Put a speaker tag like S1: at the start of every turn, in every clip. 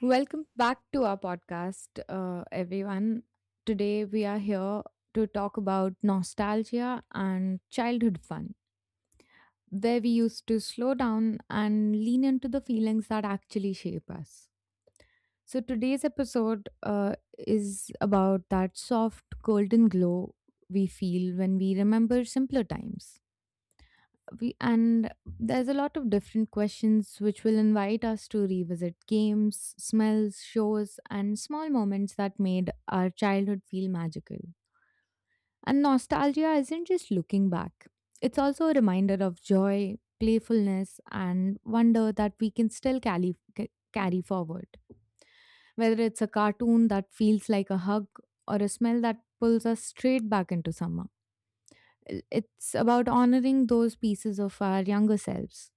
S1: Welcome back to our podcast, everyone. Today we are here to talk about nostalgia and childhood fun, where we used to slow down and lean into the feelings that actually shape us. So today's episode is about that soft golden glow we feel when we remember simpler times we and there's a lot of different questions which will invite us to revisit games, smells, shows and small moments that made our childhood feel magical. And nostalgia isn't just looking back, it's also a reminder of joy, playfulness and wonder that we can still carry, carry forward, whether it's a cartoon that feels like a hug or a smell that pulls us straight back into summer. It's about honoring those pieces of our younger selves.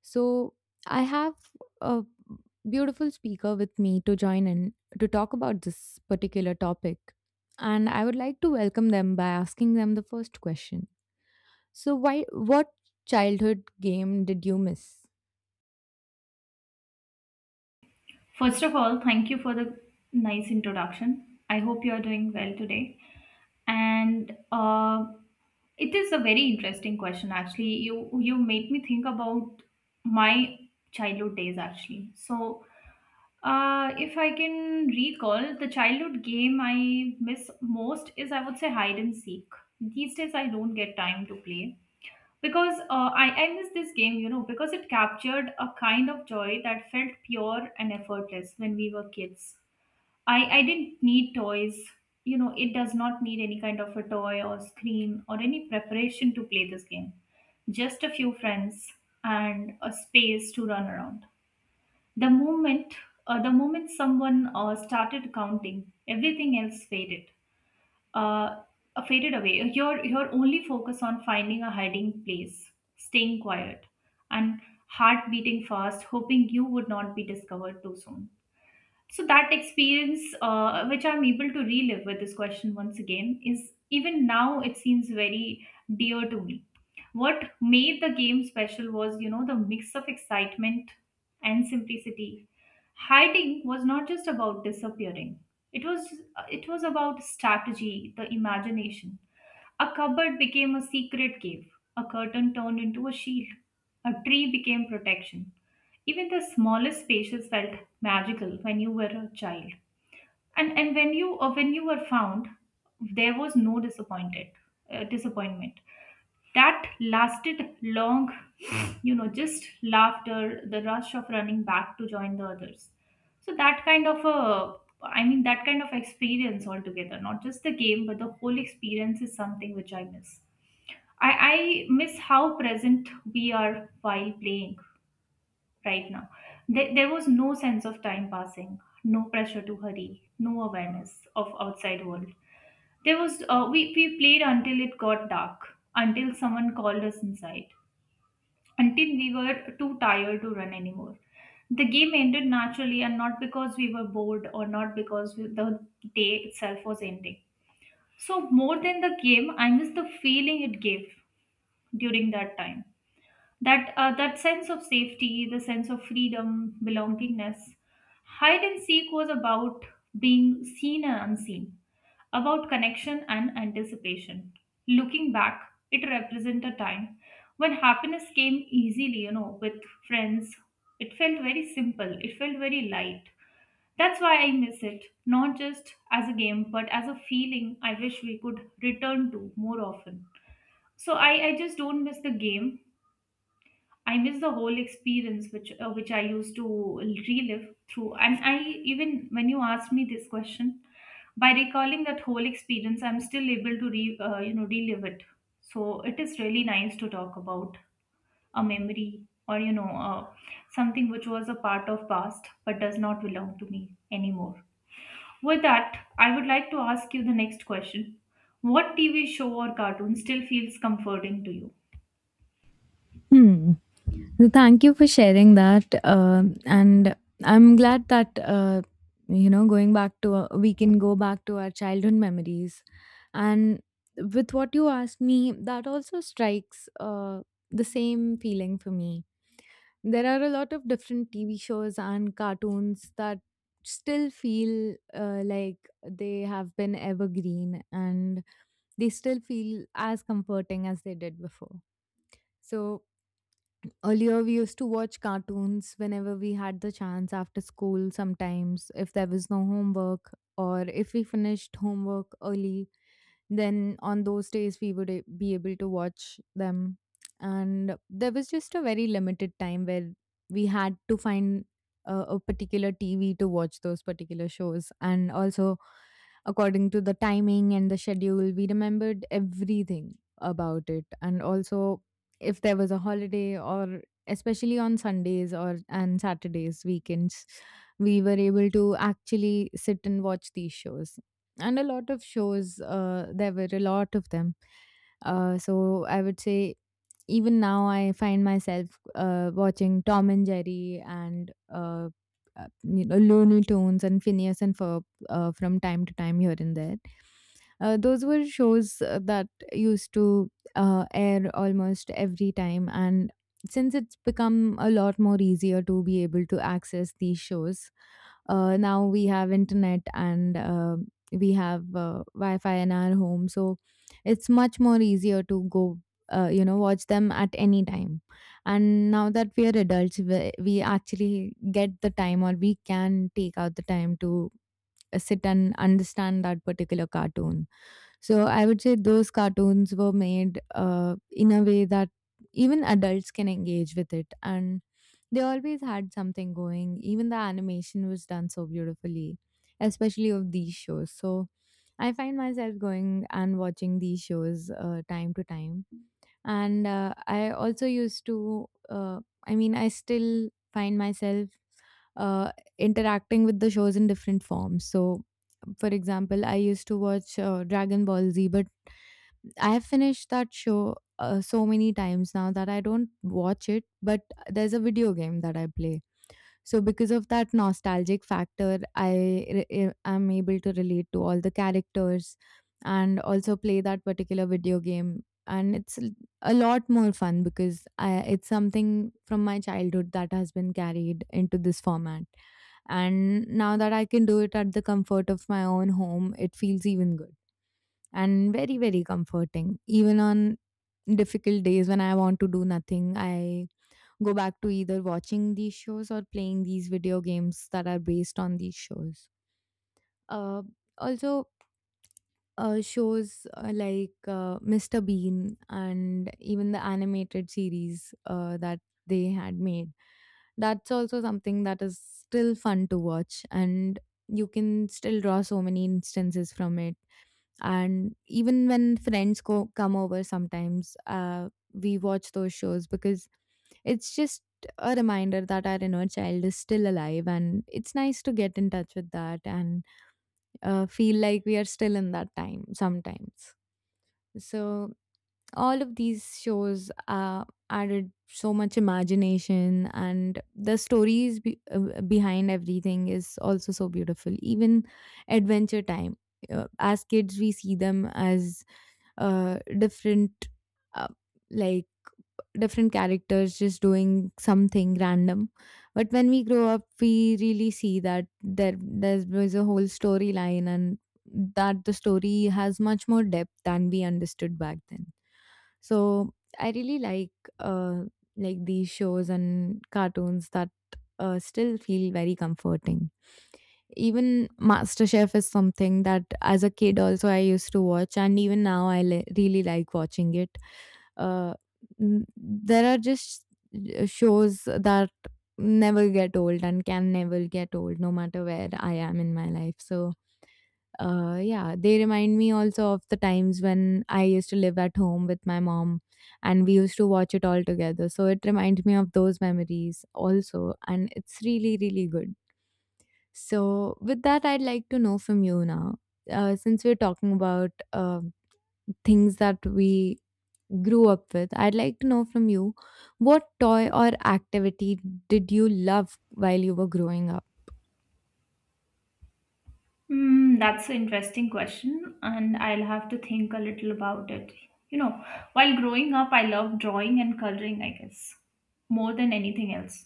S1: So I have a beautiful speaker with me to join in to talk about this particular topic. And I would like to welcome them by asking them the first question. So why what childhood game did you miss?
S2: First of all, thank you for the nice introduction. I hope you are doing well today. And It is a very interesting question, actually. You made me think about my childhood days, actually. So, if I can recall, the childhood game I miss most is, I would say, hide and seek. These days, I don't get time to play because I miss this game, you know, because it captured a kind of joy that felt pure and effortless when we were kids. I didn't need toys. You know, it does not need any kind of a toy or screen or any preparation to play this game. Just a few friends and a space to run around. The moment, the moment someone started counting, everything else faded. Uh, Faded away. Your only focus on finding a hiding place, staying quiet, and heart beating fast, hoping you would not be discovered too soon. So that experience, which I'm able to relive with this question once again, is even now it seems very dear to me. What made the game special was, you know, the mix of excitement and simplicity. Hiding was not just about disappearing. It was it was about strategy, the imagination. A cupboard became a secret cave. A curtain turned into a shield. A tree became protection, even the smallest spaces felt magical when you were a child. And when you were found, there was no disappointed disappointment that lasted long, you know, just laughter, the rush of running back to join the others. So that kind of a, I mean that kind of experience altogether, not just the game but the whole experience is something which I miss. I miss how present we are while playing right now. There was no sense of time passing, no pressure to hurry, no awareness of outside world. There was We played until it got dark, until someone called us inside, until we were too tired to run anymore. The game ended naturally, and not because we were bored or not because the day itself was ending. So more than the game, I miss the feeling it gave during that time. That sense of safety, the sense of freedom, belongingness. Hide and seek was about being seen and unseen, about connection and anticipation. Looking back, it represents a time when happiness came easily, you know, with friends. It felt very simple, it felt very light. That's why I miss it, not just as a game but as a feeling I wish we could return to more often. So I just don't miss the game, I miss the whole experience which I used to relive through. And I, even when you asked me this question, by recalling that whole experience, I'm still able to you know, relive it. So it is really nice to talk about a memory, or you know something which was a part of past but does not belong to me anymore. With that, I would like to ask you the next question. What TV show or cartoon still feels comforting to you?
S1: Hmm. So, thank you for sharing that. And I'm glad that, you know, we can go back to our childhood memories. And with what you asked me, that also strikes the same feeling for me. There are a lot of different TV shows and cartoons that still feel like they have been evergreen and they still feel as comforting as they did before. So earlier, we used to watch cartoons whenever we had the chance after school, sometimes, if there was no homework or if we finished homework early. Then on those days, we would be able to watch them. And there was just a very limited time where we had to find a particular TV to watch those particular shows. And also, according to the timing and the schedule, we remembered everything about it. And also, if there was a holiday or especially on Sundays or and Saturdays, weekends, we were able to actually sit and watch these shows. And a lot of shows, there were a lot of them. So I would say even now I find myself watching Tom and Jerry and you know, Looney Tunes and Phineas and Ferb from time to time, here and there. Those were shows that used to air almost every time. And since it's become a lot more easier to be able to access these shows, now we have internet and we have Wi-Fi in our home, so it's much more easier to go, you know, watch them at any time. And now that we are adults, we actually get the time, or we can take out the time to sit and understand that particular cartoon. So I would say those cartoons were made in a way that even adults can engage with it, and they always had something going. Even the animation was done so beautifully, especially of these shows. So I find myself going and watching these shows time to time. And I also used to, I still find myself uh, interacting with the shows in different forms. So, for example, I used to watch Dragon Ball Z, but I have finished that show so many times now that I don't watch it, but there's a video game that I play. So because of that nostalgic factor, I am able to relate to all the characters and also play that particular video game. And a lot more fun because it's something from my childhood that has been carried into this format. And now that I can do it at the comfort of my own home, it feels even good and very, very comforting. Even on difficult days when I want to do nothing, I go back to either watching these shows or playing these video games that are based on these shows. Uh, Also, shows like Mr. Bean and even the animated series that they had made. That's also something that is still fun to watch, and you can still draw so many instances from it. And even when come over sometimes, we watch those shows because it's just a reminder that our inner child is still alive, and it's nice to get in touch with that and feel like we are still in that time sometimes. So, all of these shows added so much imagination, and the stories behind everything is also so beautiful. Even Adventure Time. As kids, we see them as different, uh, like different characters just doing something random. But when we grow up, we really see that there was a whole storyline and that the story has much more depth than we understood back then. So I really like uh, these shows and cartoons that still feel very comforting. Even MasterChef is something that as a kid also I used to watch, and even now really like watching it. uh, there are just shows that never get old and can never get old no matter where I am in my life. So, yeah, they remind me also of the times when I used to live at home with my mom and we used to watch it all together. So, it reminds me of those memories also. And it's really, really good. So, with that, I'd like to know from you now. Since we're talking about things that we grew up with, I'd like to know from you, what toy or activity did you love while you were growing up?
S2: Hmm, that's an interesting question, and I'll have to think a little about it. You know, while growing up, I loved drawing and coloring, I guess, more than anything else.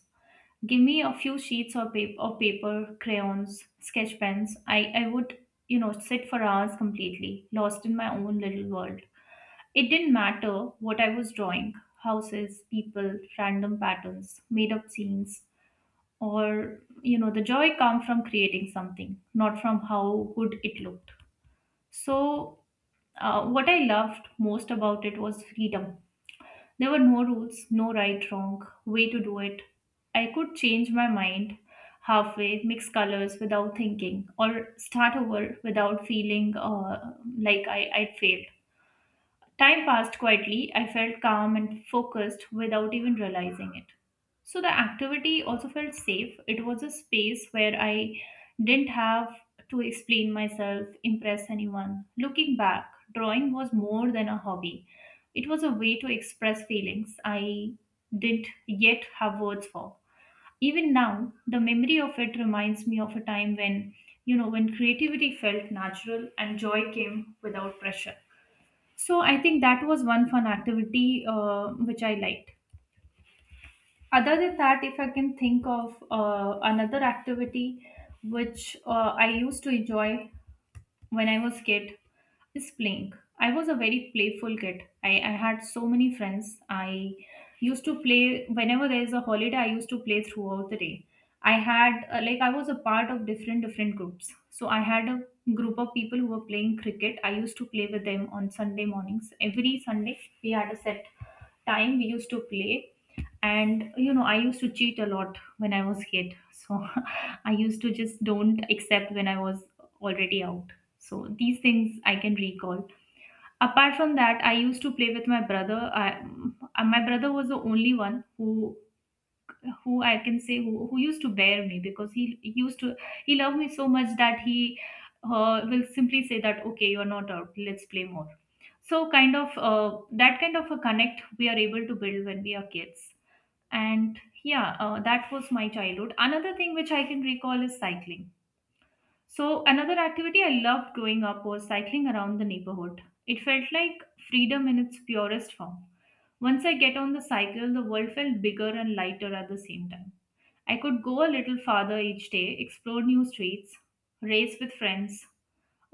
S2: Give me a few sheets of paper, crayons, sketch pens. I would, you know, sit for hours completely, lost in my own little world. It didn't matter what I was drawing: houses, people, random patterns, made up scenes, or you know the joy come from creating something, not from how good it looked. So what I loved most about it was freedom. There were no rules, no right wrong way to do it. I could change my mind halfway, mix colors without thinking, or start over without feeling like I'd failed. Time passed quietly. I felt calm and focused without even realizing it. So the activity also felt safe. It was a space where I didn't have to explain myself, impress anyone. Looking back, drawing was more than a hobby. It was a way to express feelings I didn't yet have words for. Even now, the memory of it reminds me of a time when, you know, when creativity felt natural and joy came without pressure. So I think that was one fun activity which I liked. Other than that, if I can think of another activity which I used to enjoy when I was kid, is playing. I was a very playful kid. I had so many friends. I used to play whenever there is a holiday. I used to play throughout the day. I had like I was a part of different different groups. So I had a group of people who were playing cricket. I used to play with them on Sunday mornings. Every Sunday we had a set time we used to play, and you know I used to cheat a lot when I was kid. So I used to just don't accept when I was already out. So these things I can recall. Apart from that, I used to play with my brother. My brother was the only one who I can say who used to bear me because he used to he loved me so much that he will simply say that okay you're not out, let's play more. So kind of that kind of a connect we are able to build when we are kids. And yeah, that was my childhood. Another thing which I can recall is cycling. So, another activity I loved growing up was cycling around the neighborhood. It felt like freedom in its purest form. Once I get on the cycle, the world felt bigger and lighter at the same time. I could go a little farther each day, explore new streets, race with friends,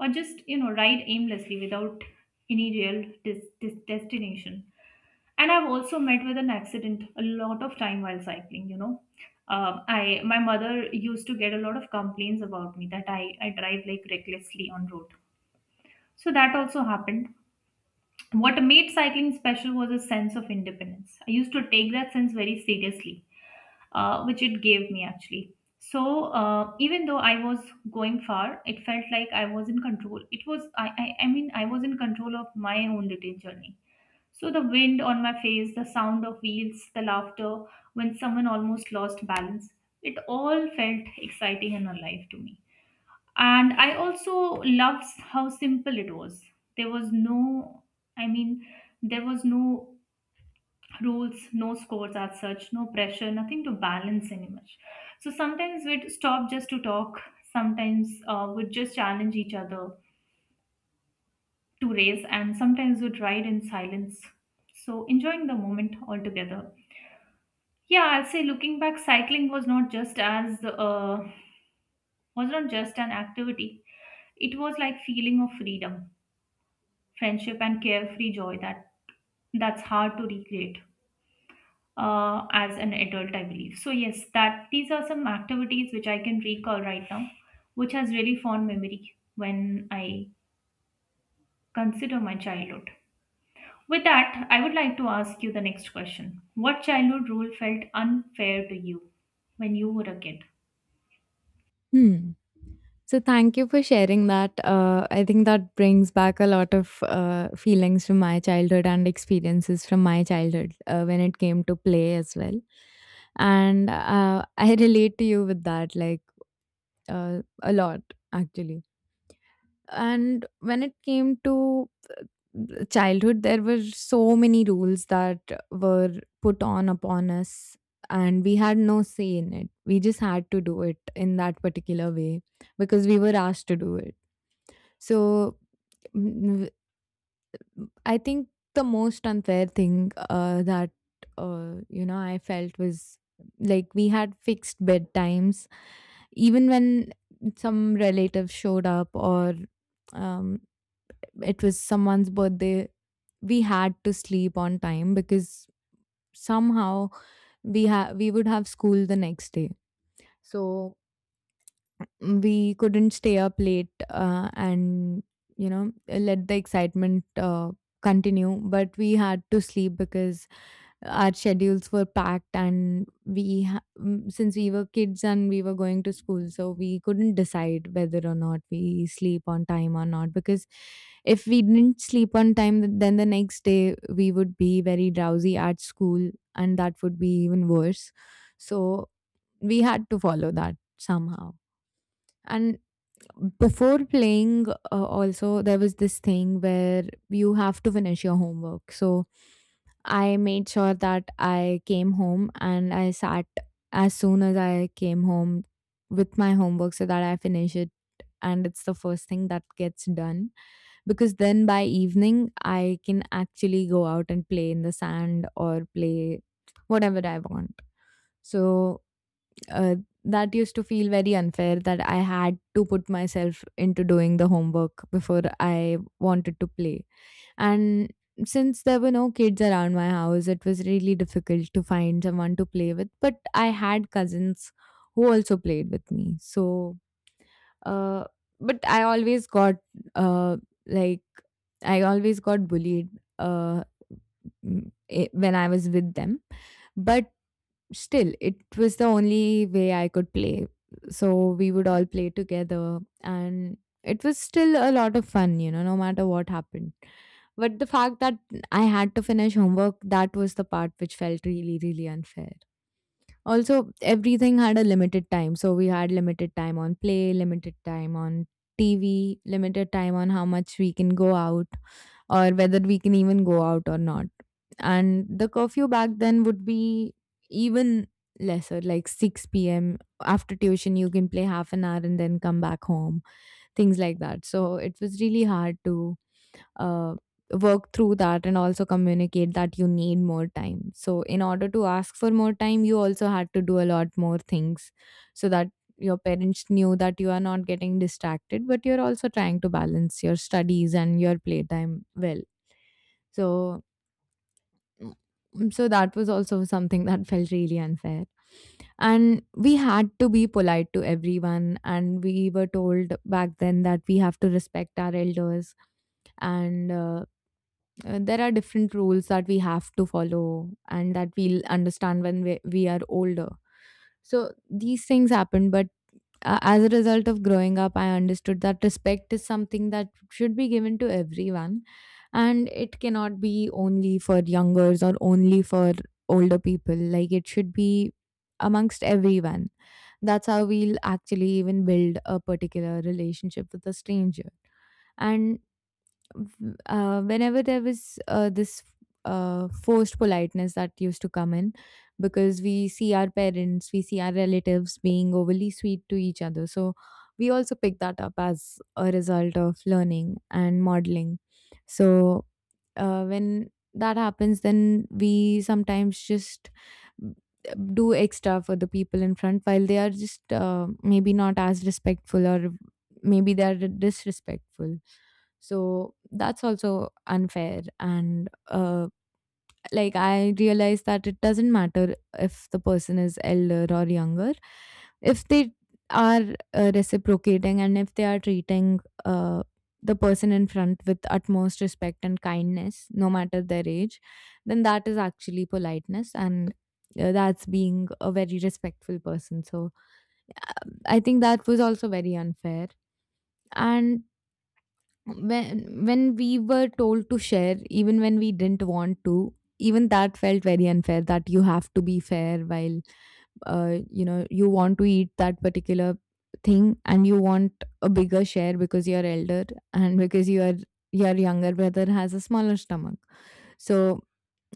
S2: or just, you know, ride aimlessly without any real destination. And I've also met with an accident a lot of time while cycling, you know. I my mother used to get a lot of complaints about me that I drive like recklessly on road. So that also happened. What made cycling special was a sense of independence. I used to take that sense very seriously, which it gave me actually. So even though I was going far, it felt like I was in control. It was I, I i mean I was in control of my own little journey. So the wind on my face, the sound of wheels, the laughter when someone almost lost balance, it all felt exciting and alive to me. And I also loved how simple it was. There was no, I mean, there was no rules, no scores as such, no pressure, nothing to balance any much. So sometimes we'd stop just to talk, sometimes we'd just challenge each other to race, and sometimes we'd ride in silence. So enjoying the moment altogether. Yeah, I'll say looking back, cycling was not just as was not just an activity. It was like feeling of freedom, friendship, and carefree joy that that's hard to recreate as an adult, I believe. So yes, that these are some activities which I can recall right now, which has really fond memory when I consider my childhood. With that, I would like to ask you the next question. What childhood rule felt unfair to you when you were a kid?
S1: Hmm. So thank you for sharing that. I think that brings back a lot of feelings from my childhood and experiences from my childhood when it came to play as well. And I relate to you with that, like a lot actually. And when it came to childhood, there were so many rules that were put on upon us, and we had no say in it. We just had to do it in that particular way because we were asked to do it. So mm, I think the most unfair thing that you know, I felt was like we had fixed bedtimes even when some relative showed up or um, it was someone's birthday. We had to sleep on time because somehow we would have school the next day. So we couldn't stay up late and you know, let the excitement continue, but we had to sleep because our schedules were packed. And since we were kids and we were going to school, so we couldn't decide whether or not we sleep on time or not, because if we didn't sleep on time, then the next day we would be very drowsy at school, and that would be even worse. So we had to follow that somehow. And before playing, also, there was this thing where you have to finish your homework. So I made sure that I came home and I sat as soon as I came home with my homework so that I finish it. And it's the first thing that gets done, because then by evening, I can actually go out and play in the sand or play whatever I want. So uh, that used to feel very unfair, that I had to put myself into doing the homework before I wanted to play. And since there were no kids around my house, it was really difficult to find someone to play with. But I had cousins who also played with me. So, uh, but I always got uh, like, I always got bullied uh, when I was with them. But still, it was the only way I could play. So we would all play together and it was still a lot of fun, you know, no matter what happened. But the fact that I had to finish homework, that was the part which felt really, really unfair. Also, everything had a limited time. So we had limited time on play, limited time on TV, limited time on how much we can go out or whether we can even go out or not. And the curfew back then would be even lesser, like 6 p.m. After tuition, you can play half an hour and then come back home, things like that. So it was really hard to uh, work through that and also communicate that you need more time. So, in order to ask for more time, you also had to do a lot more things so that your parents knew that you are not getting distracted, but you're also trying to balance your studies and your playtime well. So, Mm, So that was also something that felt really unfair. And we had to be polite to everyone. And we were told back then that we have to respect our elders. And there are different rules that we have to follow and that we'll understand when we are older. So these things happen, but as a result of growing up, I understood that respect is something that should be given to everyone, and it cannot be only for youngers or only for older people. Like it should be amongst everyone. That's how we'll actually even build a particular relationship with a stranger. And whenever there was this forced politeness that used to come in because we see our parents, we see our relatives being overly sweet to each other. So we also pick that up as a result of learning and modeling. So when that happens, then we sometimes just do extra for the people in front while they are just maybe not as respectful, or maybe they are disrespectful. So that's also unfair. And like, I realize that it doesn't matter if the person is elder or younger, if they are reciprocating and if they are treating uh, the person in front with utmost respect and kindness, no matter their age, then that is actually politeness, and that's being a very respectful person. So I think that was also very unfair. And when we were told to share even when we didn't want to, even that felt very unfair, that you have to be fair, while you want to eat that particular thing, and you want a bigger share because you're elder, and because your younger brother has a smaller stomach. so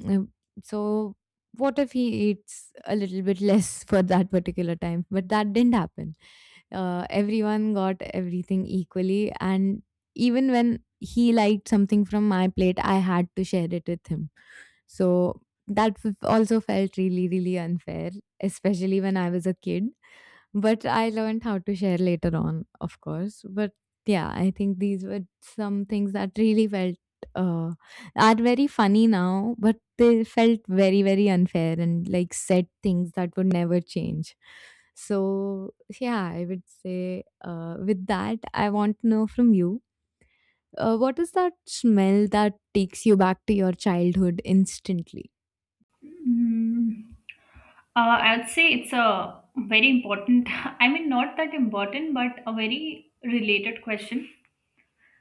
S1: um, so what if he eats a little bit less for that particular time? But that didn't happen. Everyone got everything equally, and even when he liked something from my plate, I had to share it with him. So that also felt really, really unfair, especially when I was a kid. But I learned how to share later on, of course. But yeah, I think these were some things that really felt uh, are very funny now, but they felt very, very unfair, and, like said, things that would never change. So yeah, I would say, with that, I want to know from you, what is that smell that takes you back to your childhood instantly?
S2: Mm, I'd say it's a very important, I mean, not that important, but a very related question,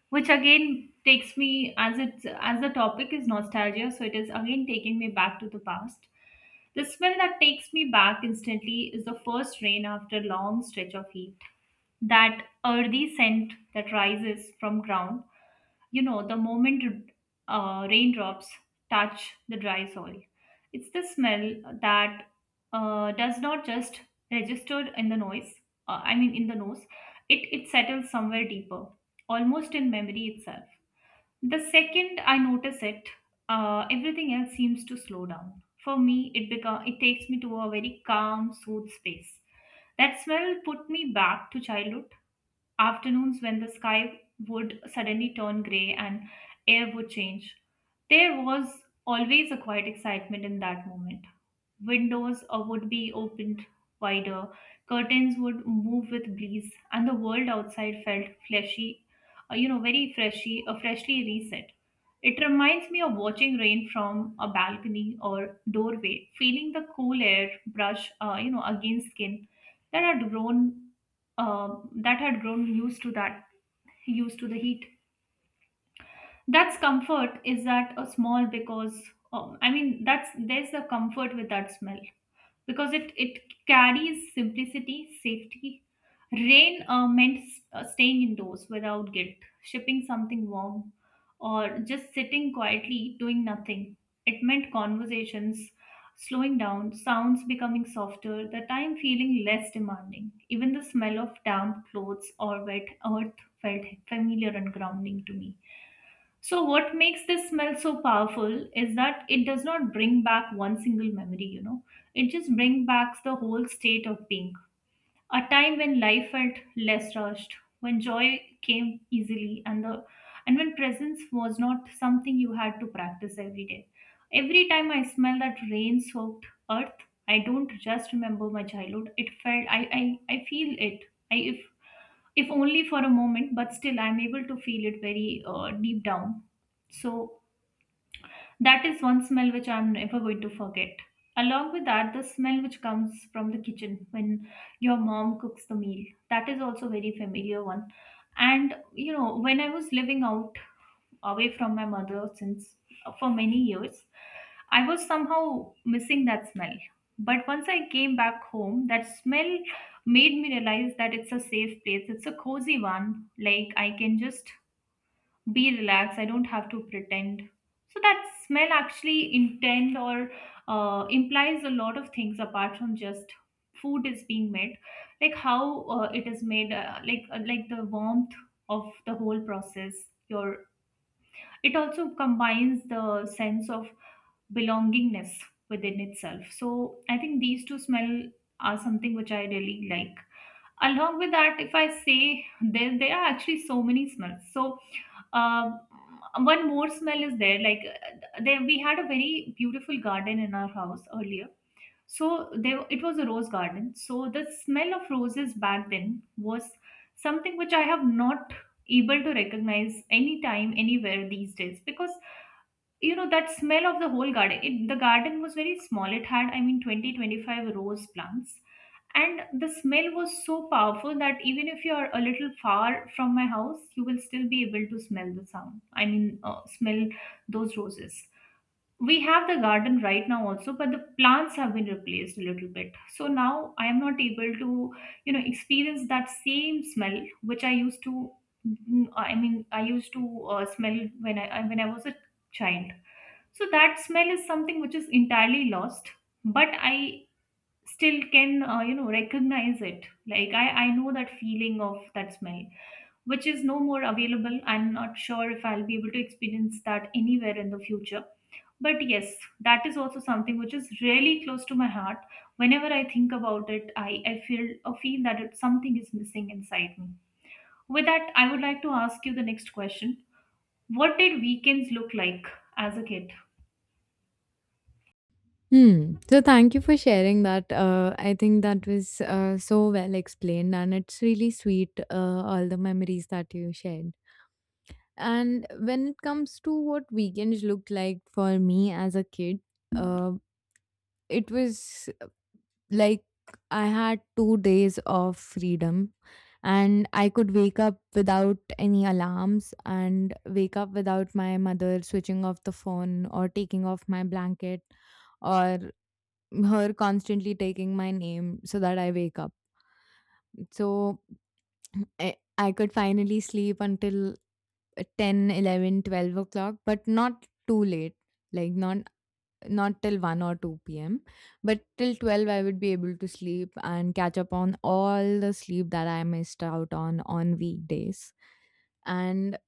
S2: which again takes me as it's as the topic is nostalgia, so it is again taking me back to the past. The smell that takes me back instantly is the first rain after a long stretch of heat. That earthy scent that rises from ground, you know, the moment raindrops touch the dry soil. It's the smell that does not just register in the noise, I mean, in the nose. It settles somewhere deeper, almost in memory itself. The second I notice it, everything else seems to slow down. For me, it takes me to a very calm, soothed space. That smell put me back to childhood afternoons when the sky would suddenly turn grey and air would change. There was always a quiet excitement in that moment. Windows would be opened wider, curtains would move with breeze, and the world outside felt fleshy, you know, very freshy, freshly reset. It reminds me of watching rain from a balcony or doorway, feeling the cool air brush, against skin that had grown uh, that had grown used to that used to the heat. That's comfort. Is that a small because I mean that's there's the comfort with that smell because it carries simplicity, safety. Rain staying indoors without guilt, shipping something warm, or just sitting quietly doing nothing. It meant conversations slowing down, sounds becoming softer, the time feeling less demanding. Even the smell of damp clothes or wet earth felt familiar and grounding to me. So, what makes this smell so powerful is that it does not bring back one single memory, it just brings back the whole state of being. A time when life felt less rushed, when joy came easily, and the and when presence was not something you had to practice every day. Every time I smell that rain soaked earth, I don't just remember my childhood. It felt I feel it. I If only for a moment, but still I'm able to feel it very deep down. So that is one smell which I'm never going to forget. Along with that, the smell which comes from the kitchen when your mom cooks the meal. That is also very familiar one. And you know, when I was living out away from my mother since for many years, I was somehow missing that smell. But once I came back home, that smell made me realize that it's a safe place. It's a cozy one. Like I can just be relaxed. I don't have to pretend. So that smell actually intend or implies a lot of things apart from just food is being made, like how it is made, like the warmth of the whole process. Your it also combines the sense of belongingness within itself. So I think these two smell are something which I really like. Along with that, if I say, there are actually so many smells. So um, one more smell is there. Like there, we had a very beautiful garden in our house earlier. So there, it was a rose garden. So the smell of roses back then was something which I have not able to recognize anytime anywhere these days. Because you know, that smell of the whole garden, the garden was very small. It had, I mean, 20-25 rose plants, and the smell was so powerful that even if you are a little far from my house, you will still be able to smell the sound I mean smell those roses. We have the garden right now also, but the plants have been replaced a little bit, so now I am not able to, you know, experience that same smell which I used to, I used to smell when I was a child. So that smell is something which is entirely lost. But I still can, recognize it. Like I know that feeling of that smell which is no more available. I'm not sure if I'll be able to experience that anywhere in the future. But yes, that is also something which is really close to my heart. Whenever I think about it, I feel that something is missing inside me. With that, I would like to ask you the next question. What did weekends look like as a kid?
S1: Hmm. So thank you for sharing that. I think that was so well explained, and it's really sweet. All the memories that you shared. And when it comes to what weekends looked like for me as a kid, uh, it was like I had 2 days of freedom, and I could wake up without any alarms and wake up without my mother switching off the phone or taking off my blanket, or her constantly taking my name so that I wake up. So I could finally sleep until 10, 11, 12 o'clock, but not too late, like not till 1 or 2 p.m, but till 12 I would be able to sleep and catch up on all the sleep that I missed out on weekdays. And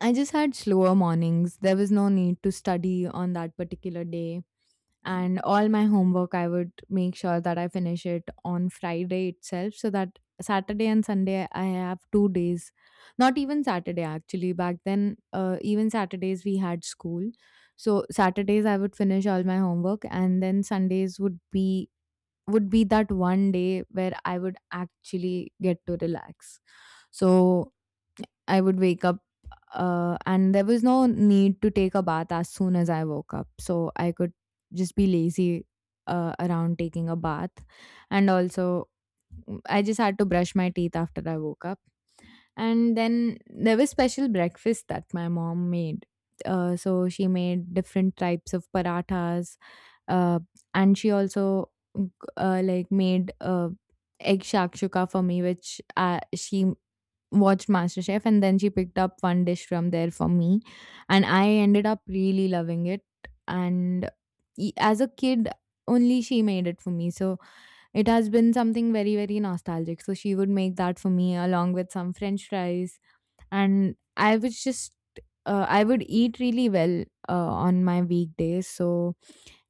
S1: I just had slower mornings. There was no need to study on that particular day. And all my homework, I would make sure that I finish it on Friday itself, so that Saturday and Sunday, I have 2 days. Not even Saturday, actually. Back then, even Saturdays, we had school. So, Saturdays, I would finish all my homework, and then Sundays would be that one day where I would actually get to relax. So I would wake up, and there was no need to take a bath as soon as I woke up. So I could just be lazy around taking a bath. And also, I just had to brush my teeth after I woke up, and then there was special breakfast that my mom made. So she made different types of parathas, uh, and she also like made egg shakshuka for me, which she watched MasterChef, and then she picked up one dish from there for me, and I ended up really loving it. And as a kid, only she made it for me, so it has been something very, very nostalgic. So she would make that for me along with some French fries, and I was just I would eat really well on my weekdays. So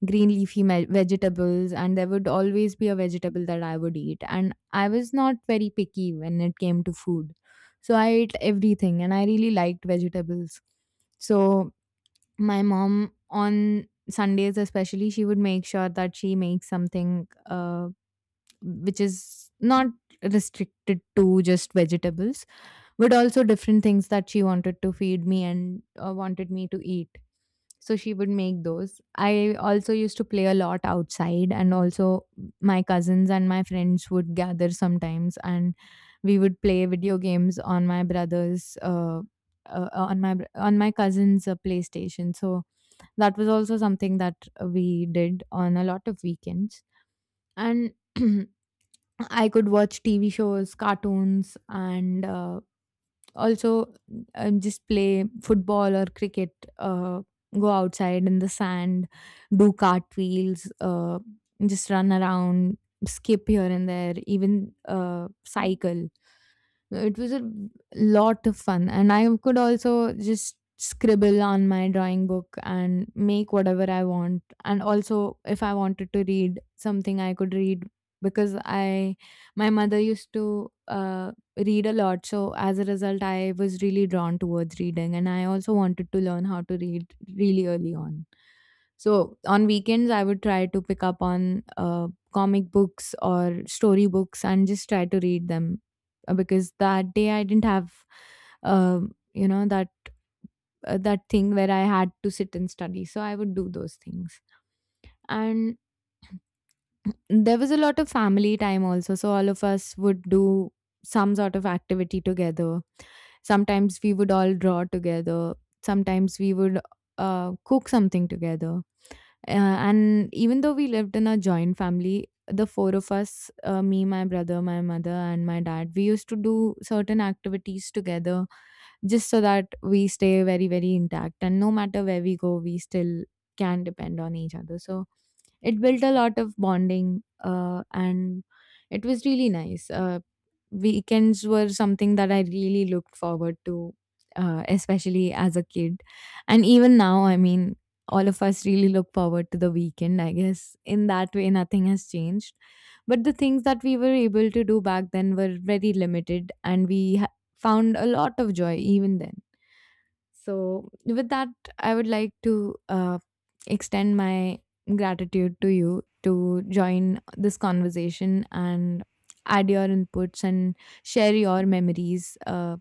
S1: green leafy vegetables, and there would always be a vegetable that I would eat. And I was not very picky when it came to food, so I ate everything, and I really liked vegetables. So my mom on Sundays especially, she would make sure that she makes something which is not restricted to just vegetables, but also different things that she wanted to feed me and wanted me to eat. So she would make those. I also used to play a lot outside, and also my cousins and my friends would gather sometimes, and we would play video games on my brother's. On my br- on my cousin's PlayStation. So that was also something that we did on a lot of weekends. And I could watch TV shows, cartoons, and also, just play football or cricket, uh, go outside in the sand, do cartwheels, just run around, skip here and there, even cycle, no, it was a lot of fun, and I could also just scribble on my drawing book and make whatever I want. And also, if I wanted to read something, I could read because I my mother used to read a lot. So as a result, I was really drawn towards reading, and I also wanted to learn how to read really early on. So on weekends, I would try to pick up on comic books or story books and just try to read them, because that day I didn't have, um, you know, that that thing where I had to sit and study. So I would do those things. And there was a lot of family time also. So all of us would do some sort of activity together. Sometimes we would all draw together. Sometimes we would cook something together. And even though we lived in a joint family, the four of us, me, my brother, my mother, and my dad, we used to do certain activities together, just so that we stay very, very intact. And no matter where we go, we still can depend on each other. So it built a lot of bonding, and it was really nice. Weekends were something that I really looked forward to, especially as a kid. And even now, I mean, all of us really look forward to the weekend, I guess. In that way, nothing has changed. But the things that we were able to do back then were very limited, and we found a lot of joy even then. So, with that, I would like to extend my gratitude to you to join this conversation and add your inputs and share your memories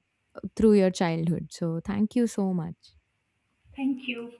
S1: through your childhood. So, thank you so much.
S2: Thank you.